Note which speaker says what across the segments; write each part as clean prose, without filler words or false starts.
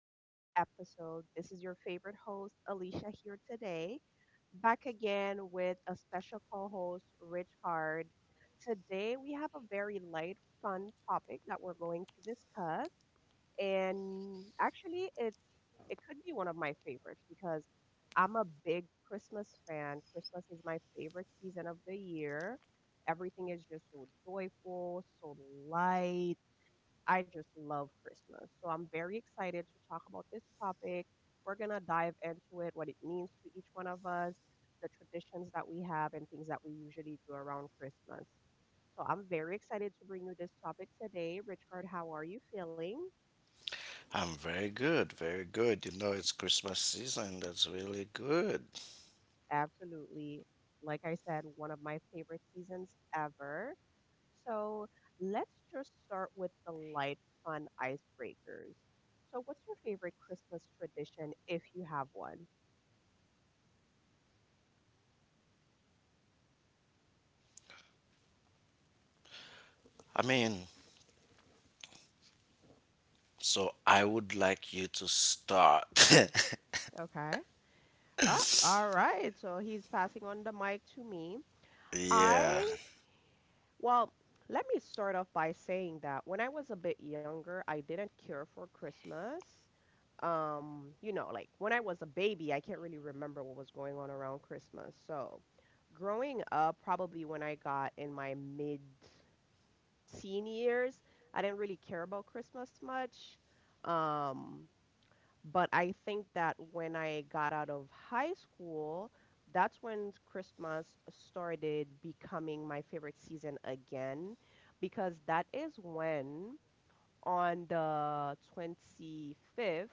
Speaker 1: to another episode. This is your favorite host, Alicia, here today, back again with a special co host, Rich Card. Today, we have a very light, fun topic that we're going to discuss. And actually, it could be one of my favorites because I'm a big Christmas fan. Christmas is my favorite season of the year. Everything is just so joyful, so light. I just love Christmas. So I'm very excited to talk about this topic. We're going to dive into it, what it means to each one of us, the traditions that we have, and things that we usually do around Christmas. So I'm very excited to bring you this topic today. Richard, how are you feeling?
Speaker 2: I'm very good, very good. You know, it's Christmas season. That's really good.
Speaker 1: Absolutely. Like I said, one of my favorite seasons ever. So let's just start with the light, fun icebreakers. So, what's your favorite Christmas tradition if you have one?
Speaker 2: I mean, so I would like you to start.
Speaker 1: Okay. Oh, all right. So he's passing on the mic to me. I,
Speaker 2: yeah.
Speaker 1: well, let me start off by saying that when I was a bit younger, I didn't care for Christmas. Like when I was a baby, I can't really remember what was going on around Christmas. So growing up, probably when I got in my mid teen years, I didn't really care about Christmas much. Um, but I think that when I got out of high school, that's when Christmas started becoming my favorite season again, because that is when, on the 25th,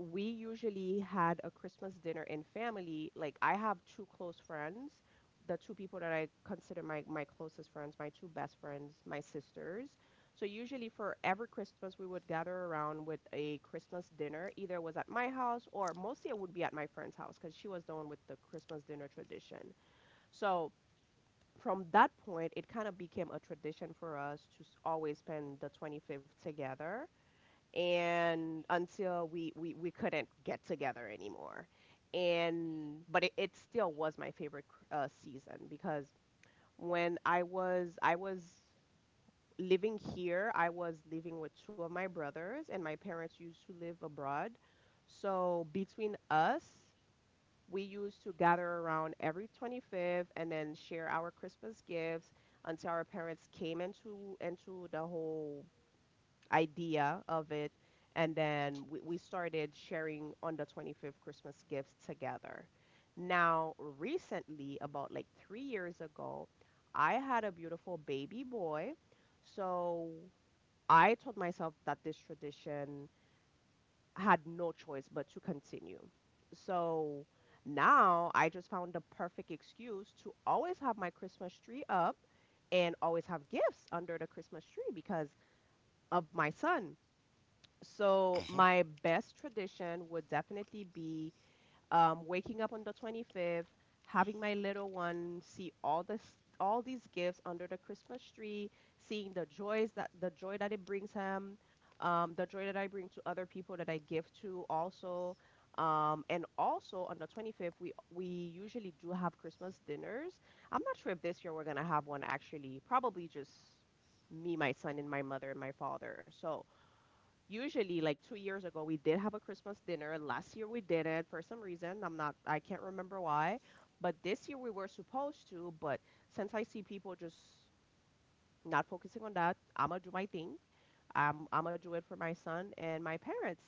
Speaker 1: we usually had a Christmas dinner in family. Like, I have two close friends, the two people that I consider my closest friends, my two best friends, my sisters. So usually for every Christmas we would gather around with a Christmas dinner. Either it was at my house, or mostly it would be at my friend's house because she was the one with the Christmas dinner tradition. So from that point, it kind of became a tradition for us to always spend the 25th together, and until we couldn't get together anymore. And but it still was my favorite season, because when I was living here, I was living with two of my brothers and my parents used to live abroad. So between us, we used to gather around every 25th and then share our Christmas gifts, until our parents came into the whole idea of it. And then we started sharing on the 25th Christmas gifts together. Now, recently, about like 3 years ago, I had a beautiful baby boy. So I told myself that this tradition had no choice but to continue. So now I just found the perfect excuse to always have my Christmas tree up and always have gifts under the Christmas tree because of my son. So
Speaker 2: hmm
Speaker 1: my best tradition would definitely be waking up on the 25th, having my little one see all these gifts under the Christmas tree, seeing the joy that it brings him, the joy that I bring to other people that I give to also. And also on the 25th, we usually do have Christmas dinners. I'm not sure if this year we're gonna have one, actually. Probably just me, my son, and my mother and my father. So usually, like 2 years ago, we did have a Christmas dinner. Last year we didn't, for some reason. I can't remember why. But this year we were supposed to. But since I see people just not focusing on that, I'm gonna do my thing. I'm gonna do it for my son and my parents.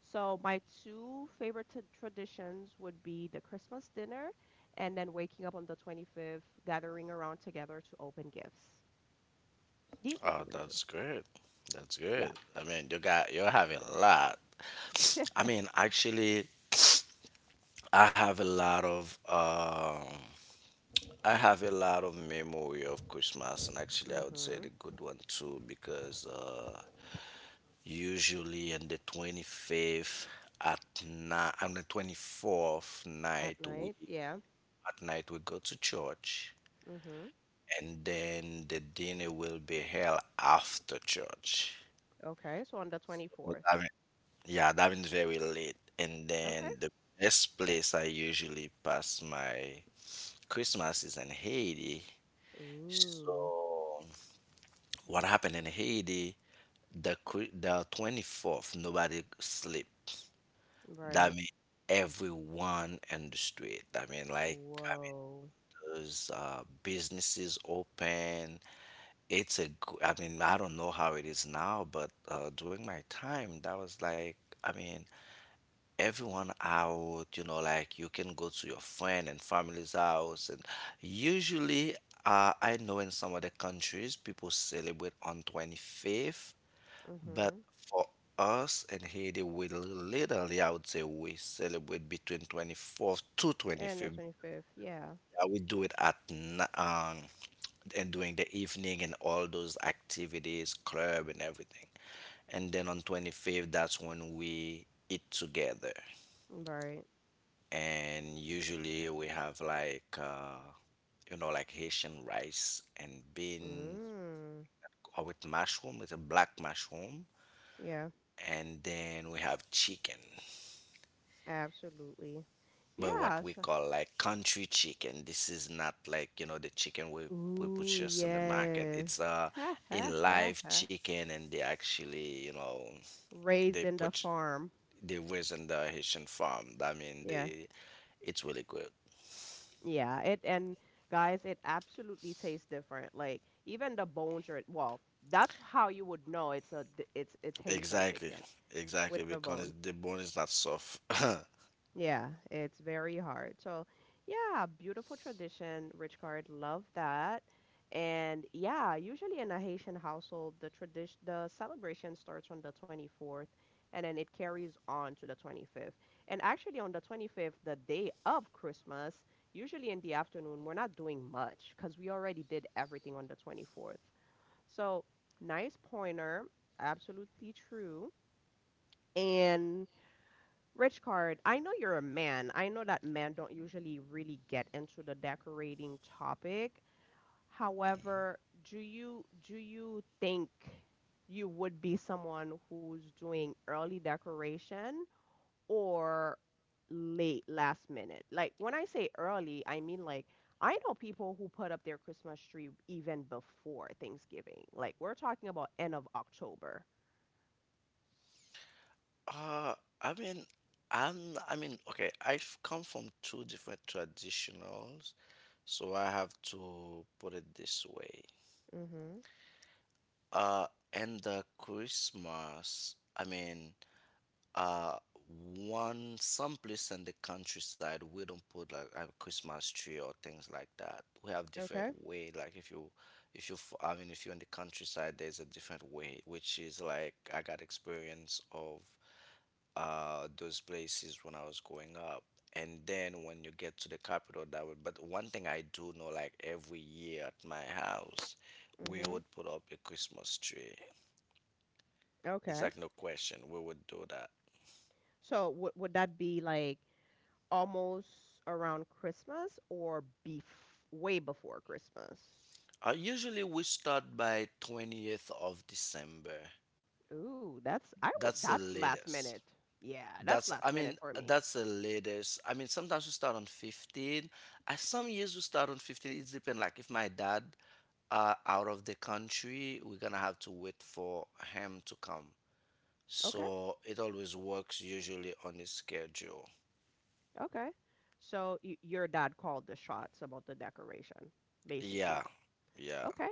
Speaker 1: So my two favorite traditions would be the Christmas dinner, and then waking up on the 25th gathering around together to open gifts. These would be
Speaker 2: Oh,
Speaker 1: my two.
Speaker 2: that's good. That's
Speaker 1: Yeah.
Speaker 2: good. You have a lot. I mean, actually, I have a lot of I have a lot of memory of Christmas, and actually, I would say
Speaker 1: Mm-hmm.
Speaker 2: the good one too because usually on the 25th at night on the 24th
Speaker 1: At
Speaker 2: night we
Speaker 1: night, yeah.
Speaker 2: at night we go to church,
Speaker 1: Mm-hmm.
Speaker 2: and then the dinner will be held after church.
Speaker 1: Okay, so on the
Speaker 2: But
Speaker 1: 24th.
Speaker 2: that mean- yeah, that means very late. And
Speaker 1: Okay.
Speaker 2: then the best place I usually pass my Christmas is in Haiti.
Speaker 1: Ooh,
Speaker 2: So what happened in Haiti, the 24th, nobody sleep. That
Speaker 1: right.
Speaker 2: mean everyone in the street.
Speaker 1: Whoa.
Speaker 2: Those businesses open. I mean, I don't know how it is now, but during my time, that was like, I mean, everyone out, you know, like you can go to your friend and family's house. And usually, I know in some other countries, people celebrate on 25th, but
Speaker 1: Mm-hmm.
Speaker 2: for us in Haiti, literally, I would say, we celebrate between 24th to
Speaker 1: And the
Speaker 2: 25th.
Speaker 1: 25th. Yeah.
Speaker 2: Yeah, we do it at and during the evening and all those activities, club and everything. And then on 25th, that's when we eat together.
Speaker 1: Right.
Speaker 2: And usually we have like, you know, like Haitian rice and beans
Speaker 1: Mm.
Speaker 2: or with mushroom, with a black mushroom.
Speaker 1: Yeah,
Speaker 2: And then we have chicken.
Speaker 1: absolutely.
Speaker 2: But what
Speaker 1: Yeah.
Speaker 2: we
Speaker 1: So,
Speaker 2: call like country chicken. This is not like, you know, the chicken we
Speaker 1: ooh,
Speaker 2: purchase on the market.
Speaker 1: yes.
Speaker 2: It's a
Speaker 1: Ha
Speaker 2: a
Speaker 1: ha ha
Speaker 2: live
Speaker 1: ha.
Speaker 2: chicken, and they actually, you know,
Speaker 1: Raised
Speaker 2: they
Speaker 1: in the
Speaker 2: put
Speaker 1: farm.
Speaker 2: they raise in the Haitian farm.
Speaker 1: Yeah.
Speaker 2: It's really good.
Speaker 1: Yeah. It And guys, it absolutely tastes different. Like, even the bones are, well, that's how you would know it's a it's Haitian
Speaker 2: Exactly,
Speaker 1: chicken with
Speaker 2: exactly,
Speaker 1: the bone.
Speaker 2: because the bone is not soft.
Speaker 1: Yeah, it's very hard. So, yeah, beautiful tradition, Rich Card, love that. And yeah, usually in a Haitian household, the tradition, the celebration starts on the 24th and then it carries on to the 25th. And actually on the 25th, the day of Christmas, usually in the afternoon, we're not doing much because we already did everything on the 24th. So, nice pointer, absolutely true. And Rich Card, I know you're a man. I know that men don't usually really get into the decorating topic. However, do you think you would be someone who's doing early decoration, or late, last minute? Like, when I say early, I mean, like, I know people who put up their Christmas tree even before Thanksgiving. Like, we're talking about end of October.
Speaker 2: Uh, I mean, okay, I've come from two different traditionals, so I have to put it this way.
Speaker 1: Mhm.
Speaker 2: Uh, and the Christmas, uh, one some place in the countryside, we don't put like a Christmas tree or things like that. We have different
Speaker 1: Okay.
Speaker 2: way. Like if you, f- I mean, if you're in the countryside, there's a different way, which is like I got experience of those places when I was growing up. And then when you get to the capital, that would. But one thing I do know, like every year at my house, we
Speaker 1: Mhm.
Speaker 2: would put up a Christmas tree. It's
Speaker 1: Okay.
Speaker 2: like no question we would do that.
Speaker 1: So would that be like almost around Christmas, or bef way before Christmas?
Speaker 2: Usually we start by 20th of December.
Speaker 1: Ooh, that's I would
Speaker 2: That's the
Speaker 1: that's last
Speaker 2: latest.
Speaker 1: minute. Yeah, that's
Speaker 2: That's I
Speaker 1: last
Speaker 2: mean
Speaker 1: minute for me.
Speaker 2: that's the latest. I mean sometimes we start on 15. Some years we start on 15. It depends. Like if my dad out of the country, we're gonna have to wait for him to come.
Speaker 1: Okay,
Speaker 2: So it always works usually on his schedule.
Speaker 1: okay. So y your dad called the shots about the decoration, basically.
Speaker 2: Yeah. Yeah.
Speaker 1: Okay,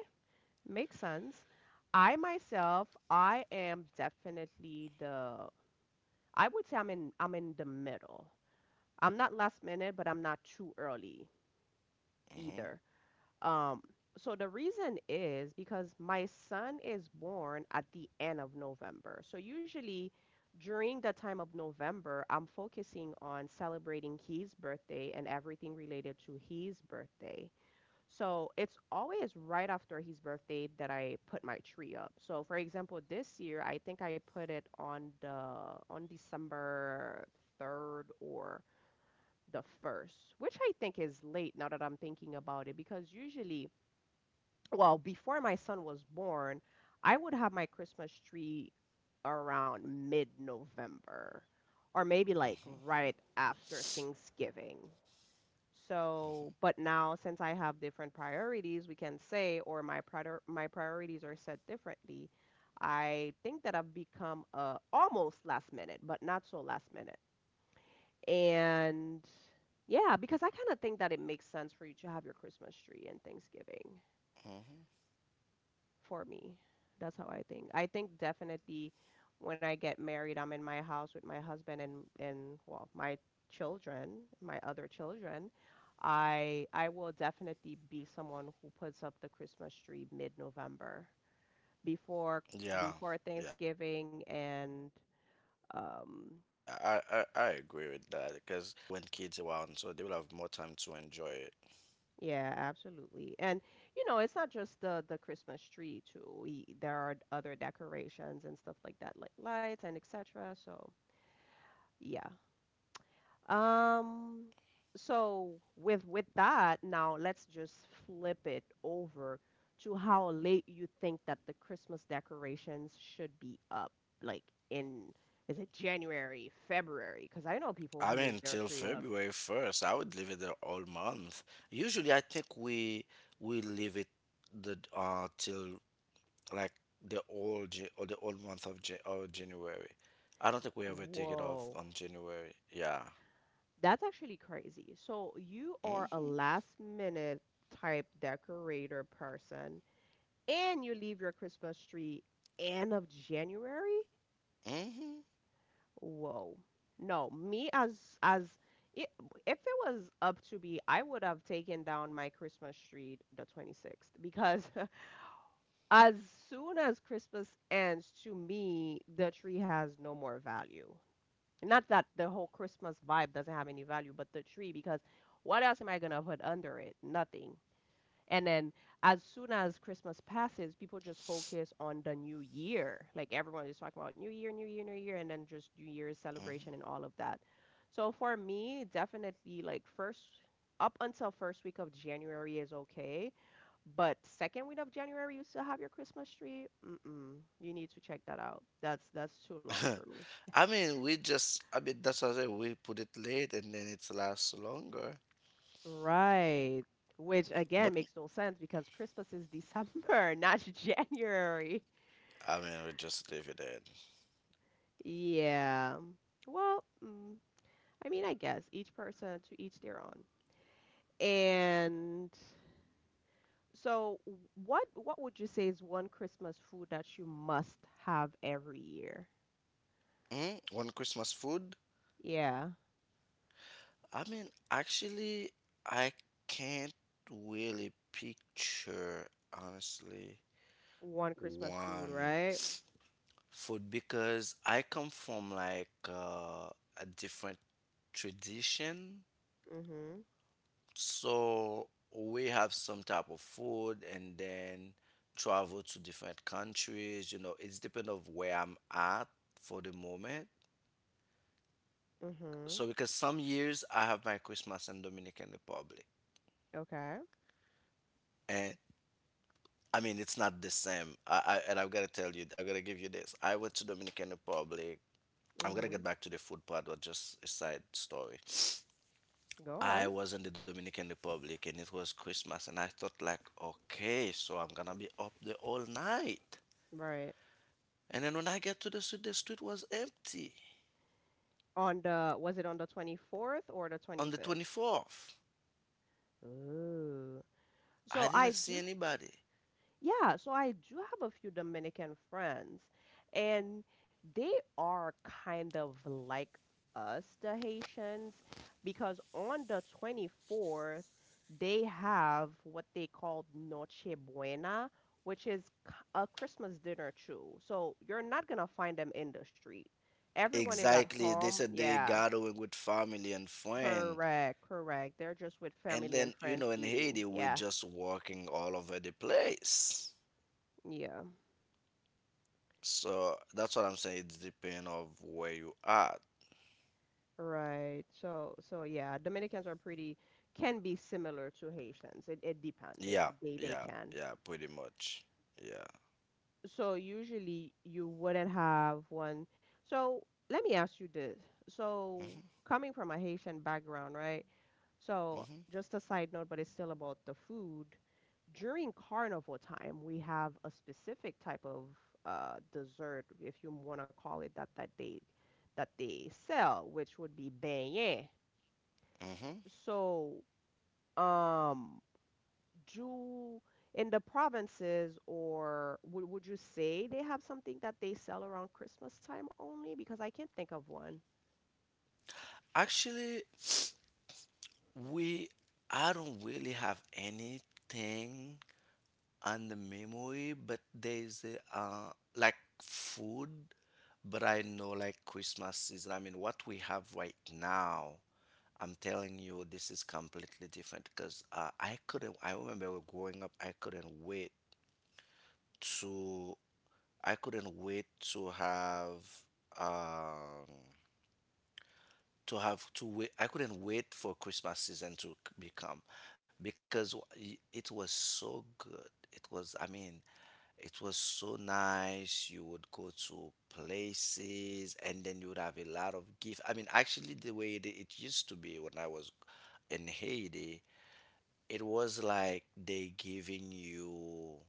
Speaker 1: makes sense. I myself, I am definitely the I would say I'm in the middle. I'm not last minute, but I'm not too early
Speaker 2: hmm
Speaker 1: either. Um, so the reason is because my son is born at the end of November. So usually during the time of November, I'm focusing on celebrating his birthday and everything related to his birthday. So it's always right after his birthday that I put my tree up. So for example, this year I think I put it on December 3rd or the 1st, which I think is late now that I'm thinking about it, because usually, well, before my son was born, I would have my Christmas tree around mid November, or maybe like right after Thanksgiving. So, but now since I have different priorities, we can say, or my priorities are set differently. I think that I've become almost last minute, but not so last minute. And yeah, because I kind of think that it makes sense for you to have your Christmas tree and Thanksgiving.
Speaker 2: hmm
Speaker 1: For me. That's how I think. I think definitely when I get married, I'm in my house with my husband, and well, my children, my other children. I will definitely be someone who puts up the Christmas tree mid-November before
Speaker 2: Yeah,
Speaker 1: before
Speaker 2: yeah, I,
Speaker 1: Thanksgiving,
Speaker 2: I, I agree
Speaker 1: and
Speaker 2: with that because
Speaker 1: um
Speaker 2: when kids around, so they will have more time to enjoy it.
Speaker 1: yeah, absolutely. And it's not just the Christmas tree too. We, there are other decorations and stuff like that, like lights and etc. So, yeah. Um, so with that, now let's just flip it over to how late you think that the Christmas decorations should be up, like, in is it January, February? Because I know people
Speaker 2: I
Speaker 1: who
Speaker 2: mean,
Speaker 1: leave their
Speaker 2: till
Speaker 1: tree up.
Speaker 2: February 1st, I would leave it there all month. Usually, I think we leave it the till like the whole Ja- or the whole month of January. I don't think we ever take it off
Speaker 1: Whoa,
Speaker 2: on January. Yeah.
Speaker 1: that's actually crazy. So you are a
Speaker 2: Mhm.
Speaker 1: last minute type decorator person, and you leave your Christmas tree end of January?
Speaker 2: Mhm.
Speaker 1: Whoa. No, me as I if it was up to me, I would have taken down my Christmas tree the 26th because as soon as Christmas ends, to me, the tree has no more value. Not that the whole Christmas vibe doesn't have any value, but the tree, because what else am I gonna put under it? Nothing. And then as soon as Christmas passes, people just focus on the new year. Like, everyone is talking about new year, new year, new year, and then just new year's celebration
Speaker 2: Mhm.
Speaker 1: and all of that. So for me, definitely, like, first up until first week of January is okay, but second week of January you still have your Christmas tree? Mm-mm. You need to check that out. That's too long for me.
Speaker 2: I mean, we just I mean that's what I said. We put it late and then it lasts longer.
Speaker 1: Right. Which again
Speaker 2: But
Speaker 1: makes no sense, because Christmas is December, not January.
Speaker 2: we just leave it in.
Speaker 1: Yeah. Well, I mean, I guess each person to each their own. And so what would you say is one Christmas food that you must have every year?
Speaker 2: Mm? One Christmas food.
Speaker 1: Yeah.
Speaker 2: I mean, actually, I can't really picture, honestly,
Speaker 1: One Christmas food,
Speaker 2: one
Speaker 1: right?
Speaker 2: food because I come from like a different tradition.
Speaker 1: Mm-hmm.
Speaker 2: So we have some type of food and then travel to different countries. You know, it's depend of where I'm at for the moment.
Speaker 1: Mm-hmm.
Speaker 2: So because some years I have my Christmas in Dominican Republic.
Speaker 1: Okay.
Speaker 2: And I mean, it's not the same. I and I've got to tell you, I've got to give you this. I went to Dominican Republic. I'm gonna
Speaker 1: Mm-hmm.
Speaker 2: get back to the food part, but just a side story.
Speaker 1: Go on.
Speaker 2: I was in the Dominican Republic and it was Christmas, and I thought like, okay, so I'm gonna be up the whole night.
Speaker 1: Right.
Speaker 2: And then when I get to the street was empty.
Speaker 1: On the Was it on the 24th or the
Speaker 2: On the
Speaker 1: 25th?
Speaker 2: 24th,
Speaker 1: Ooh.
Speaker 2: I
Speaker 1: So I
Speaker 2: didn't see
Speaker 1: do
Speaker 2: anybody.
Speaker 1: Yeah, so I do have a few Dominican friends, and they are kind of like us, the Haitians, because on the 24th, they have what they call Noche Buena, which is a Christmas dinner too. So you're not gonna find them in the street. Everyone is at
Speaker 2: Exactly. They
Speaker 1: home.
Speaker 2: said they
Speaker 1: Yeah,
Speaker 2: gathering with family and friend.
Speaker 1: correct, correct. They're just with
Speaker 2: And
Speaker 1: family
Speaker 2: then,
Speaker 1: and
Speaker 2: you
Speaker 1: friends
Speaker 2: know, in
Speaker 1: eating.
Speaker 2: Haiti, we're
Speaker 1: Yeah,
Speaker 2: just walking all over the place.
Speaker 1: yeah.
Speaker 2: So that's what I'm saying. It's depend of where you are.
Speaker 1: Right. So yeah, Dominicans are pretty can be similar to Haitians. It depends. It
Speaker 2: Yeah,
Speaker 1: they
Speaker 2: yeah,
Speaker 1: can.
Speaker 2: yeah, pretty much. Yeah.
Speaker 1: So usually you wouldn't have one. So let me ask you this. So
Speaker 2: hmm
Speaker 1: coming from a Haitian background, right? So
Speaker 2: hmm
Speaker 1: just a side note, but it's still about the food. During carnival time, we have a specific type of dessert, if you want to call it that, that they sell, which would be beignet.
Speaker 2: hmm
Speaker 1: So um do in the provinces or would you say they have something that they sell around Christmas time only? Because I can't think of one.
Speaker 2: Actually, we I don't really have anything on the memory, but there's a, like food, but I know like Christmas season. I mean, what we have right now. I'm telling you, this is completely different because I couldn't. I remember growing up, I couldn't wait to I couldn't wait to have um to have to wait. I couldn't wait for Christmas season to become because it was so good. It was, I mean, it was so nice. You would go to places and then you would have a lot of gift. The way it used to be when I was in Haiti, it was like they giving you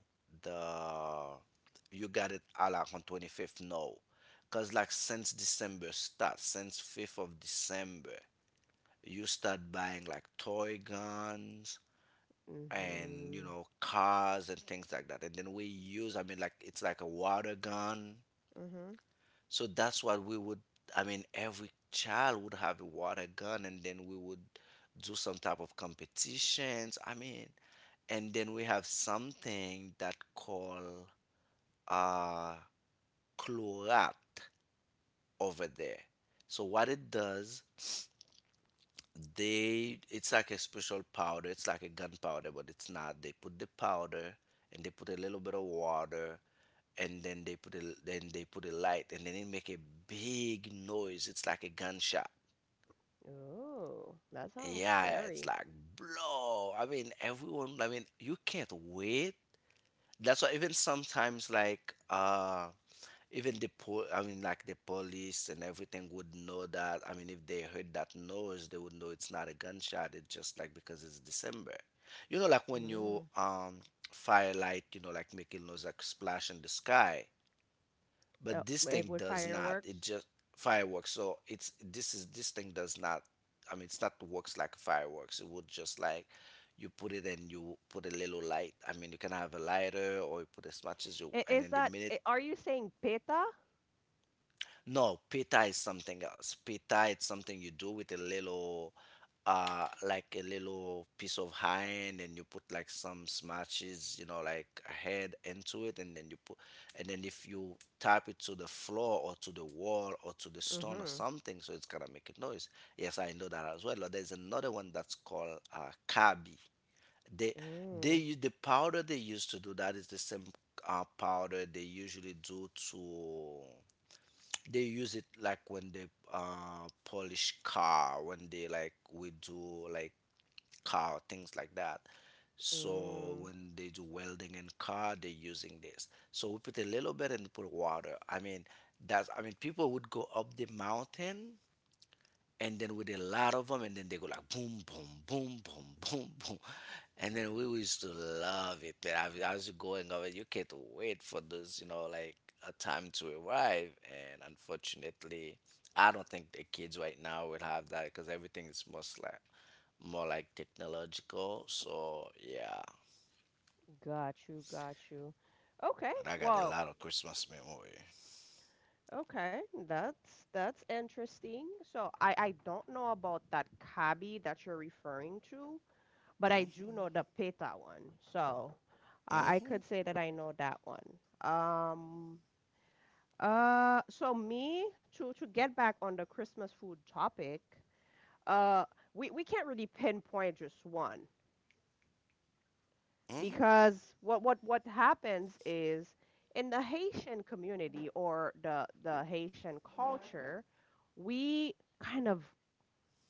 Speaker 2: the you got it a la on 25th no because like since December start, since 5th of December, you start buying like toy guns and, you
Speaker 1: Mm-hmm.
Speaker 2: know, cars and things like that. And then we use, like it's like a water gun.
Speaker 1: Mm-hmm.
Speaker 2: So that's what we would, every child would have a water gun and then we would do some type of competitions. And then we have something that call uh chlorat over there. So what it does, they it's like a special powder. It's like a gunpowder, but it's not. They put the powder and they put a little bit of water, and then they put a then they put a light, and then it make a big noise. It's like a gunshot.
Speaker 1: Oh, that sounds
Speaker 2: Yeah, it's
Speaker 1: scary.
Speaker 2: like blow I mean everyone, you can't wait. That's why even sometimes like even the I mean like the police and everything would know that. I mean if they heard that noise, they would know it's not a gunshot. It's just like because it's December. You know like when you
Speaker 1: Mm.
Speaker 2: firelight, you know, like making noise like splash in the sky,
Speaker 1: Oh,
Speaker 2: but this
Speaker 1: and
Speaker 2: thing
Speaker 1: with
Speaker 2: does not.
Speaker 1: fireworks.
Speaker 2: It just fireworks so it's this is this thing does not, it's not works like fireworks. It would just like you put it and you put a little light. I mean, you can have a lighter or you put as much as you and
Speaker 1: Is
Speaker 2: in the
Speaker 1: that,
Speaker 2: minute.
Speaker 1: are you saying peta?
Speaker 2: No, pita is something else. Pita it's something you do with a little, like a little piece of hind, and you put like some smashes, you know, like a head into it, and then you put, and then if you tap it to the floor or to the wall or to the stone or
Speaker 1: Mm-hmm.
Speaker 2: something, so it's gonna make a noise. Yes, I know that as well. But there's another one that's called kabi. They they
Speaker 1: Mm,
Speaker 2: use the powder they used to do that is the same powder they usually do to they use it like when they polish car, when they like we do like car things like that. So
Speaker 1: mm.
Speaker 2: when they do welding in car, they're using this. So we put a little bit and put water. That's people would go up the mountain, and then with a lot of them, and then they go like boom, boom, boom, boom, boom, boom, and then we used to love it. But as you going over, you can't wait for this, you know, like a time to arrive. And unfortunately, I don't think the kids right now will have that because everything is most like more like technological. So yeah,
Speaker 1: Got you, got you. Okay,
Speaker 2: but I got a
Speaker 1: well,
Speaker 2: lot of Christmas memory.
Speaker 1: okay, that's interesting. So I don't know about that kabi that you're referring to, but I do know the peta one. So I
Speaker 2: Hmm
Speaker 1: could say that I know that one. Um, so me to get back on the Christmas food topic, uh, we can't really pinpoint just one.
Speaker 2: hmm
Speaker 1: Because what happens is in the Haitian community or the Haitian culture, we kind of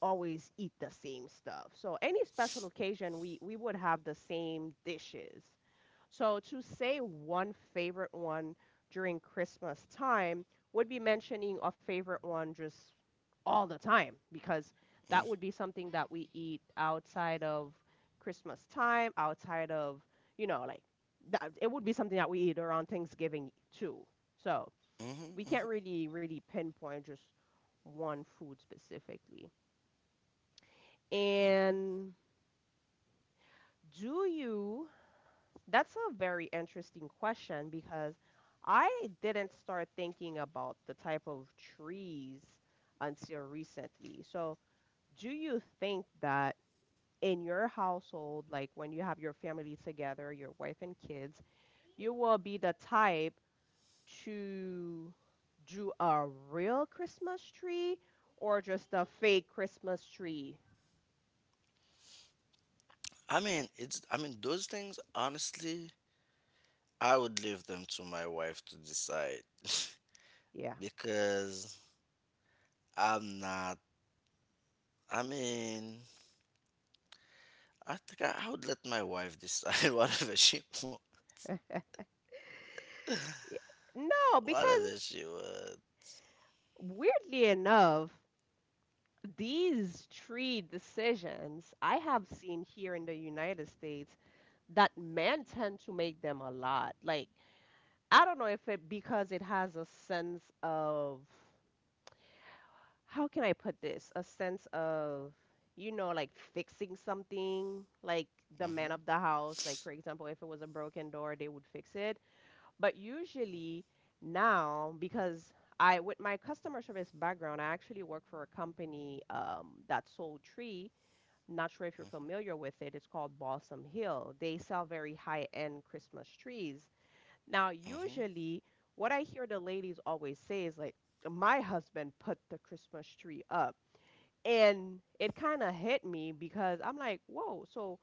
Speaker 1: always eat the same stuff. So any special occasion, we would have the same dishes. So to say one favorite one during Christmas time would be mentioning a favorite one just all the time because that would be something that we eat outside of Christmas time, outside of, you know, like that, it would be something that we eat around Thanksgiving too. So we can't really pinpoint just one food specifically. And do you, that's a very interesting question because I didn't start thinking about the type of trees until recently. So do you think that in your household, like when you have your family together, your wife and kids, you will be the type to do a real Christmas tree or just a fake Christmas tree?
Speaker 2: those things. Honestly, I would leave them to my wife to decide.
Speaker 1: Yeah.
Speaker 2: Because I'm not. I mean, I think I would let my wife decide
Speaker 1: Y- No,
Speaker 2: whatever
Speaker 1: because
Speaker 2: she would.
Speaker 1: weirdly enough, these tree decisions I have seen here in the United States that men tend to make them a lot. Like, I don't know if it because it has a sense of how can I put this? A sense of, you know, like fixing something, like the man
Speaker 2: Hmm
Speaker 1: of the house, like for example, if it was a broken door, they would fix it. But usually now, because I, with my customer service background, I actually work for a company that sold tree. Not sure if you're familiar with it. It's called Balsam Hill. They sell very high-end Christmas trees. Now,
Speaker 2: hmm
Speaker 1: usually, what I hear the ladies always say is like, my husband put the Christmas tree up and it kind of hit me because I'm like, whoa, so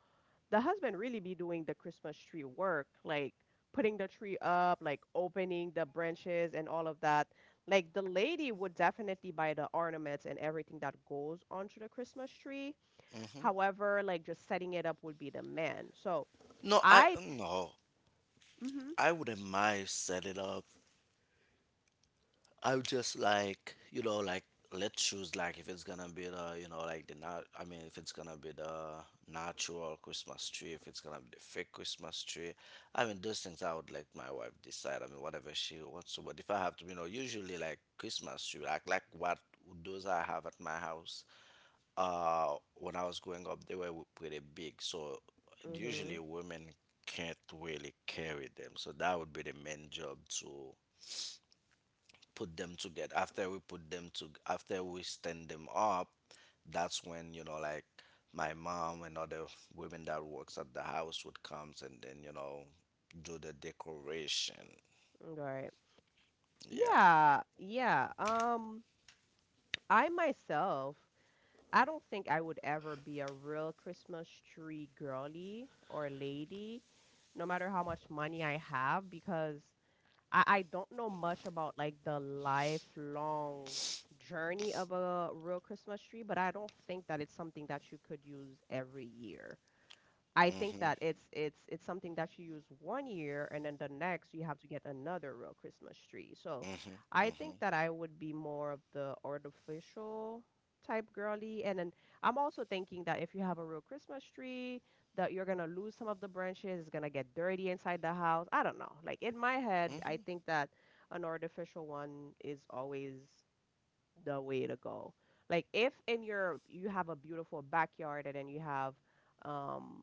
Speaker 1: the husband really be doing the Christmas tree work, like putting the tree up, like opening the branches and all of that. Like the lady would definitely buy the ornaments and everything that goes onto the Christmas tree.
Speaker 2: hmm
Speaker 1: However, like just setting it up would be the man. So
Speaker 2: No, I
Speaker 1: I,
Speaker 2: no.
Speaker 1: mm-hmm,
Speaker 2: I wouldn't mind set it up. I would just like, you know, like, let's choose, like if it's gonna be the, you know, like the not I mean if it's gonna be the natural Christmas tree, if it's gonna be the fake Christmas tree. Those things, I would let my wife decide. I mean, whatever she wants to. But if I have to, you know, usually like Christmas tree like what those I have at my house when I was growing up, they were pretty big. So
Speaker 1: mm-hmm,
Speaker 2: usually women can't really carry them, so that would be the main job to put them together after we put them to after we stand them up. That's when, you know, like my mom and other women that works at the house would comes, and then, you know, do the decoration.
Speaker 1: right.
Speaker 2: Yeah.
Speaker 1: Yeah, yeah. I myself I don't think I would ever be a real Christmas tree girly or lady, no matter how much money I have, because I don't know much about like the lifelong journey of a real Christmas tree, but I don't think that it's something that you could use every year. I think
Speaker 2: mm-hmm
Speaker 1: that it's something that you use one year and then the next you have to get another real Christmas tree. So
Speaker 2: mm-hmm
Speaker 1: I
Speaker 2: mm-hmm
Speaker 1: think that I would be more of the artificial type girly. And then I'm also thinking that if you have a real Christmas tree, that you're gonna lose some of the branches, it's gonna get dirty inside the house. I don't know. Like in my head, I
Speaker 2: mm-hmm
Speaker 1: think that an artificial one is always the way to go. Like if in your you have a beautiful backyard and then you have um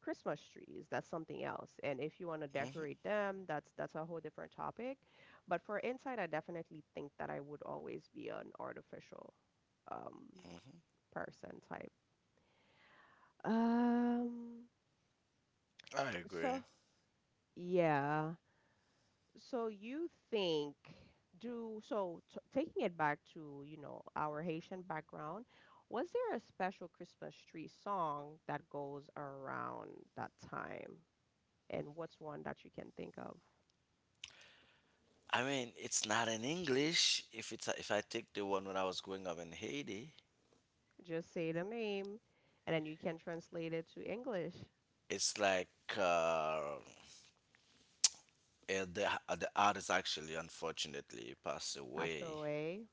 Speaker 1: Christmas trees, that's something else. And if you want to
Speaker 2: mm-hmm
Speaker 1: decorate them, that's a whole different topic. But for inside, I definitely think that I would always be an artificial um
Speaker 2: Mm-hmm.
Speaker 1: person type. Um
Speaker 2: I
Speaker 1: so
Speaker 2: agree.
Speaker 1: yeah. So you think do so t taking it back to, you know, our Haitian background, was there a special Christmas tree song that goes around that time? And what's one that you can think of?
Speaker 2: I mean, it's not in English. If it's, if I take the one when I was growing up in Haiti,
Speaker 1: Just say the name and then you can translate it to English.
Speaker 2: it's like uh, eh, the the artist actually unfortunately passed
Speaker 1: Passed
Speaker 2: away.
Speaker 1: away.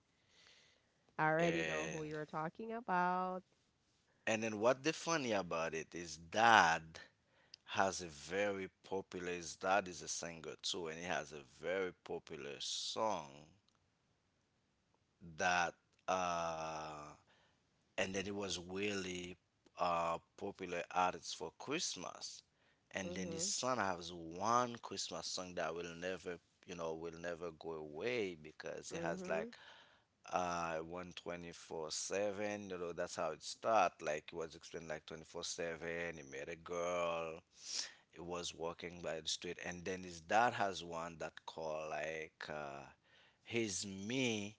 Speaker 1: I already know who
Speaker 2: and
Speaker 1: you're talking about.
Speaker 2: and then what the funny about it is dad has a very popular his dad is a singer too, and he has a very popular song that uh and then it was really popular artist for Christmas. And then his
Speaker 1: Mhm.
Speaker 2: son has one Christmas song that will never, you know, will never go away because he has
Speaker 1: Mhm.
Speaker 2: like 124/7. You know, that's how it start, like it was explained like 24/7 he met a girl, he was walking by the street. And then his dad has one that call like his me,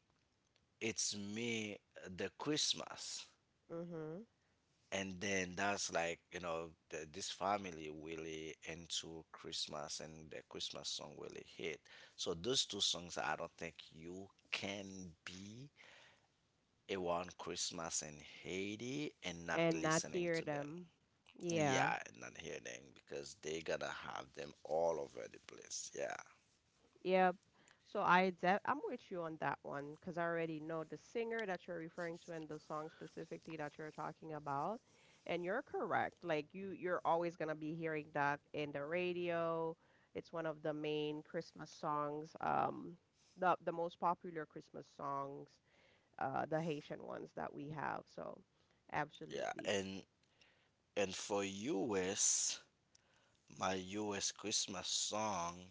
Speaker 2: it's me the Christmas.
Speaker 1: Mhm.
Speaker 2: And then that's like, you know, this family really into Christmas, and the Christmas song really hit. So those two songs, I don't think you can be around Christmas in Haiti and not
Speaker 1: And not
Speaker 2: listening
Speaker 1: hear
Speaker 2: to them.
Speaker 1: them. Yeah.
Speaker 2: Yeah, and not hearing them because they gotta have them all over the place yeah
Speaker 1: Yep. So I'm with you on that one because I already know the singer that you're referring to and the song specifically that you're talking about. And you're correct. Like you're always gonna be hearing that in the radio. It's one of the main Christmas songs, the most popular Christmas songs, the Haitian ones that we have. So
Speaker 2: yeah
Speaker 1: absolutely.
Speaker 2: and for us, my US Christmas song,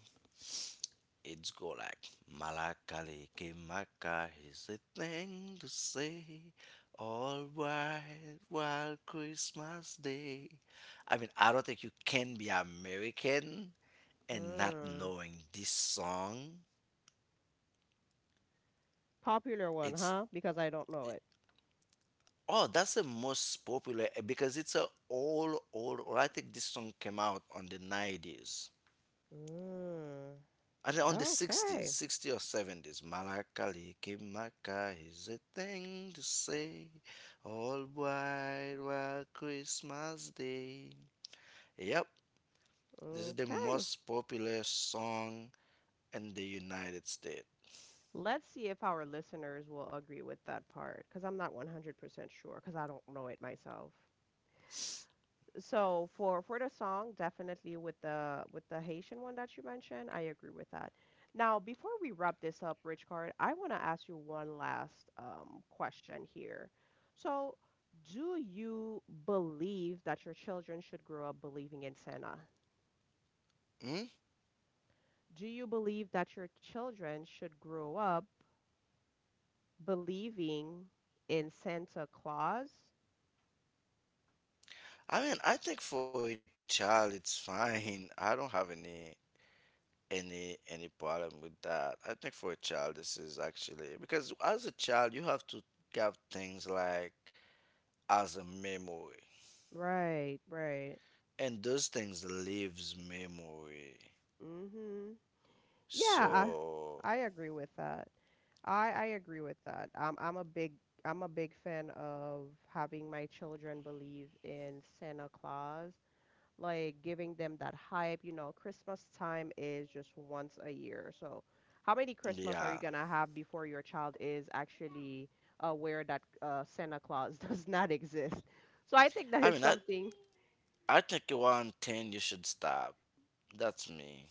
Speaker 2: it's go like "Malakali Kimaka is the thing to say. All white while Christmas Day." I mean, I don't think you can be American and not
Speaker 1: Hmm.
Speaker 2: knowing this song.
Speaker 1: Popular one,
Speaker 2: It's
Speaker 1: huh? Because I don't know it.
Speaker 2: Oh, that's the most popular because it's a old old. Or I think this song came out on the 90s.
Speaker 1: Hmm.
Speaker 2: And then on the 60s,
Speaker 1: Okay.
Speaker 2: 60 or 70s, "Malakali Kimaka" is a thing to say all white while Christmas Day. Yep, this is the
Speaker 1: Okay.
Speaker 2: most popular song in the United States.
Speaker 1: Let's see if our listeners will agree with that part because I'm not 100% sure because I don't know it myself. So for the song, definitely with the Haitian one that you mentioned, I agree with that. Now, before we wrap this up, Rich Card, I want to ask you one last question here. So, do you believe that your children should grow up believing in Santa?
Speaker 2: Hmm?
Speaker 1: Do you believe that your children should grow up believing in Santa Claus?
Speaker 2: I mean, I think for a child it's fine. I don't have any any problem with that. I think for a child this is actually because as a child you have to have things like as a memory.
Speaker 1: Right, right.
Speaker 2: And those things leaves memory,
Speaker 1: Mhm. Yeah,
Speaker 2: so
Speaker 1: I agree with that. I agree with that. I'm a big I'm a big fan of having my children believe in Santa Claus, like giving them that hype. You know, Christmas time is just once a year. So, how many Christmas are you
Speaker 2: yeah.
Speaker 1: gonna have before your child is actually aware that Santa Claus does not exist? So I think that
Speaker 2: i
Speaker 1: is
Speaker 2: mean i
Speaker 1: something.
Speaker 2: I think around 10 you should stop. That's me.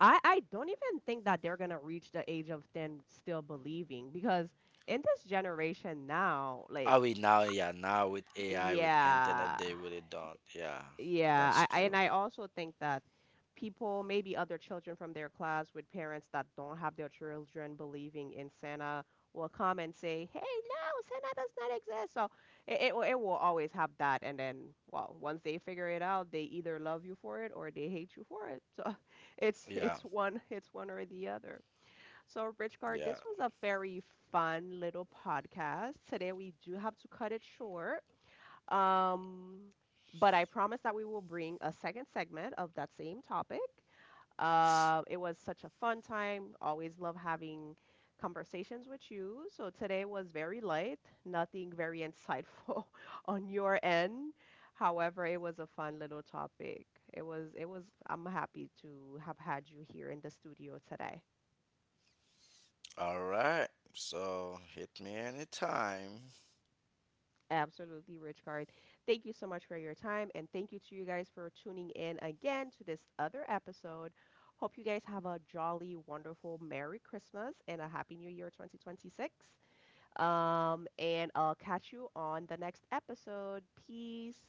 Speaker 1: I don't even think that they're gonna reach the age of them still believing because in this generation now, like
Speaker 2: I mean now, yeah, now with AI, with
Speaker 1: yeah,
Speaker 2: internet, they really don't. Yeah,
Speaker 1: yeah,
Speaker 2: that's
Speaker 1: I and
Speaker 2: true.
Speaker 1: I also think that people, maybe other children from their class with parents that don't have their children believing in Santa will come and say, "Hey, no, Santa does not exist." So it will always have that, and then well, once they figure it out, they either love you for it or they hate you for it. So it's
Speaker 2: Yeah,
Speaker 1: one or the other. So, Richcard,
Speaker 2: yeah.
Speaker 1: this was a very fun little podcast. Today we do have to cut it short. Um, but I promise that we will bring a second segment of that same topic. It was such a fun time. Always love having conversations with you. So today was very light, nothing very insightful on your end. However, it was a fun little topic. It was, it was, I'm happy to have had you here in the studio today.
Speaker 2: All right, so hit me anytime.
Speaker 1: Absolutely, Rich Card. Thank you so much for your time, and thank you to you guys for tuning in again to this other episode. Hope you guys have a jolly, wonderful Merry Christmas and a Happy New Year 2026. And I'll catch you on the next episode. Peace.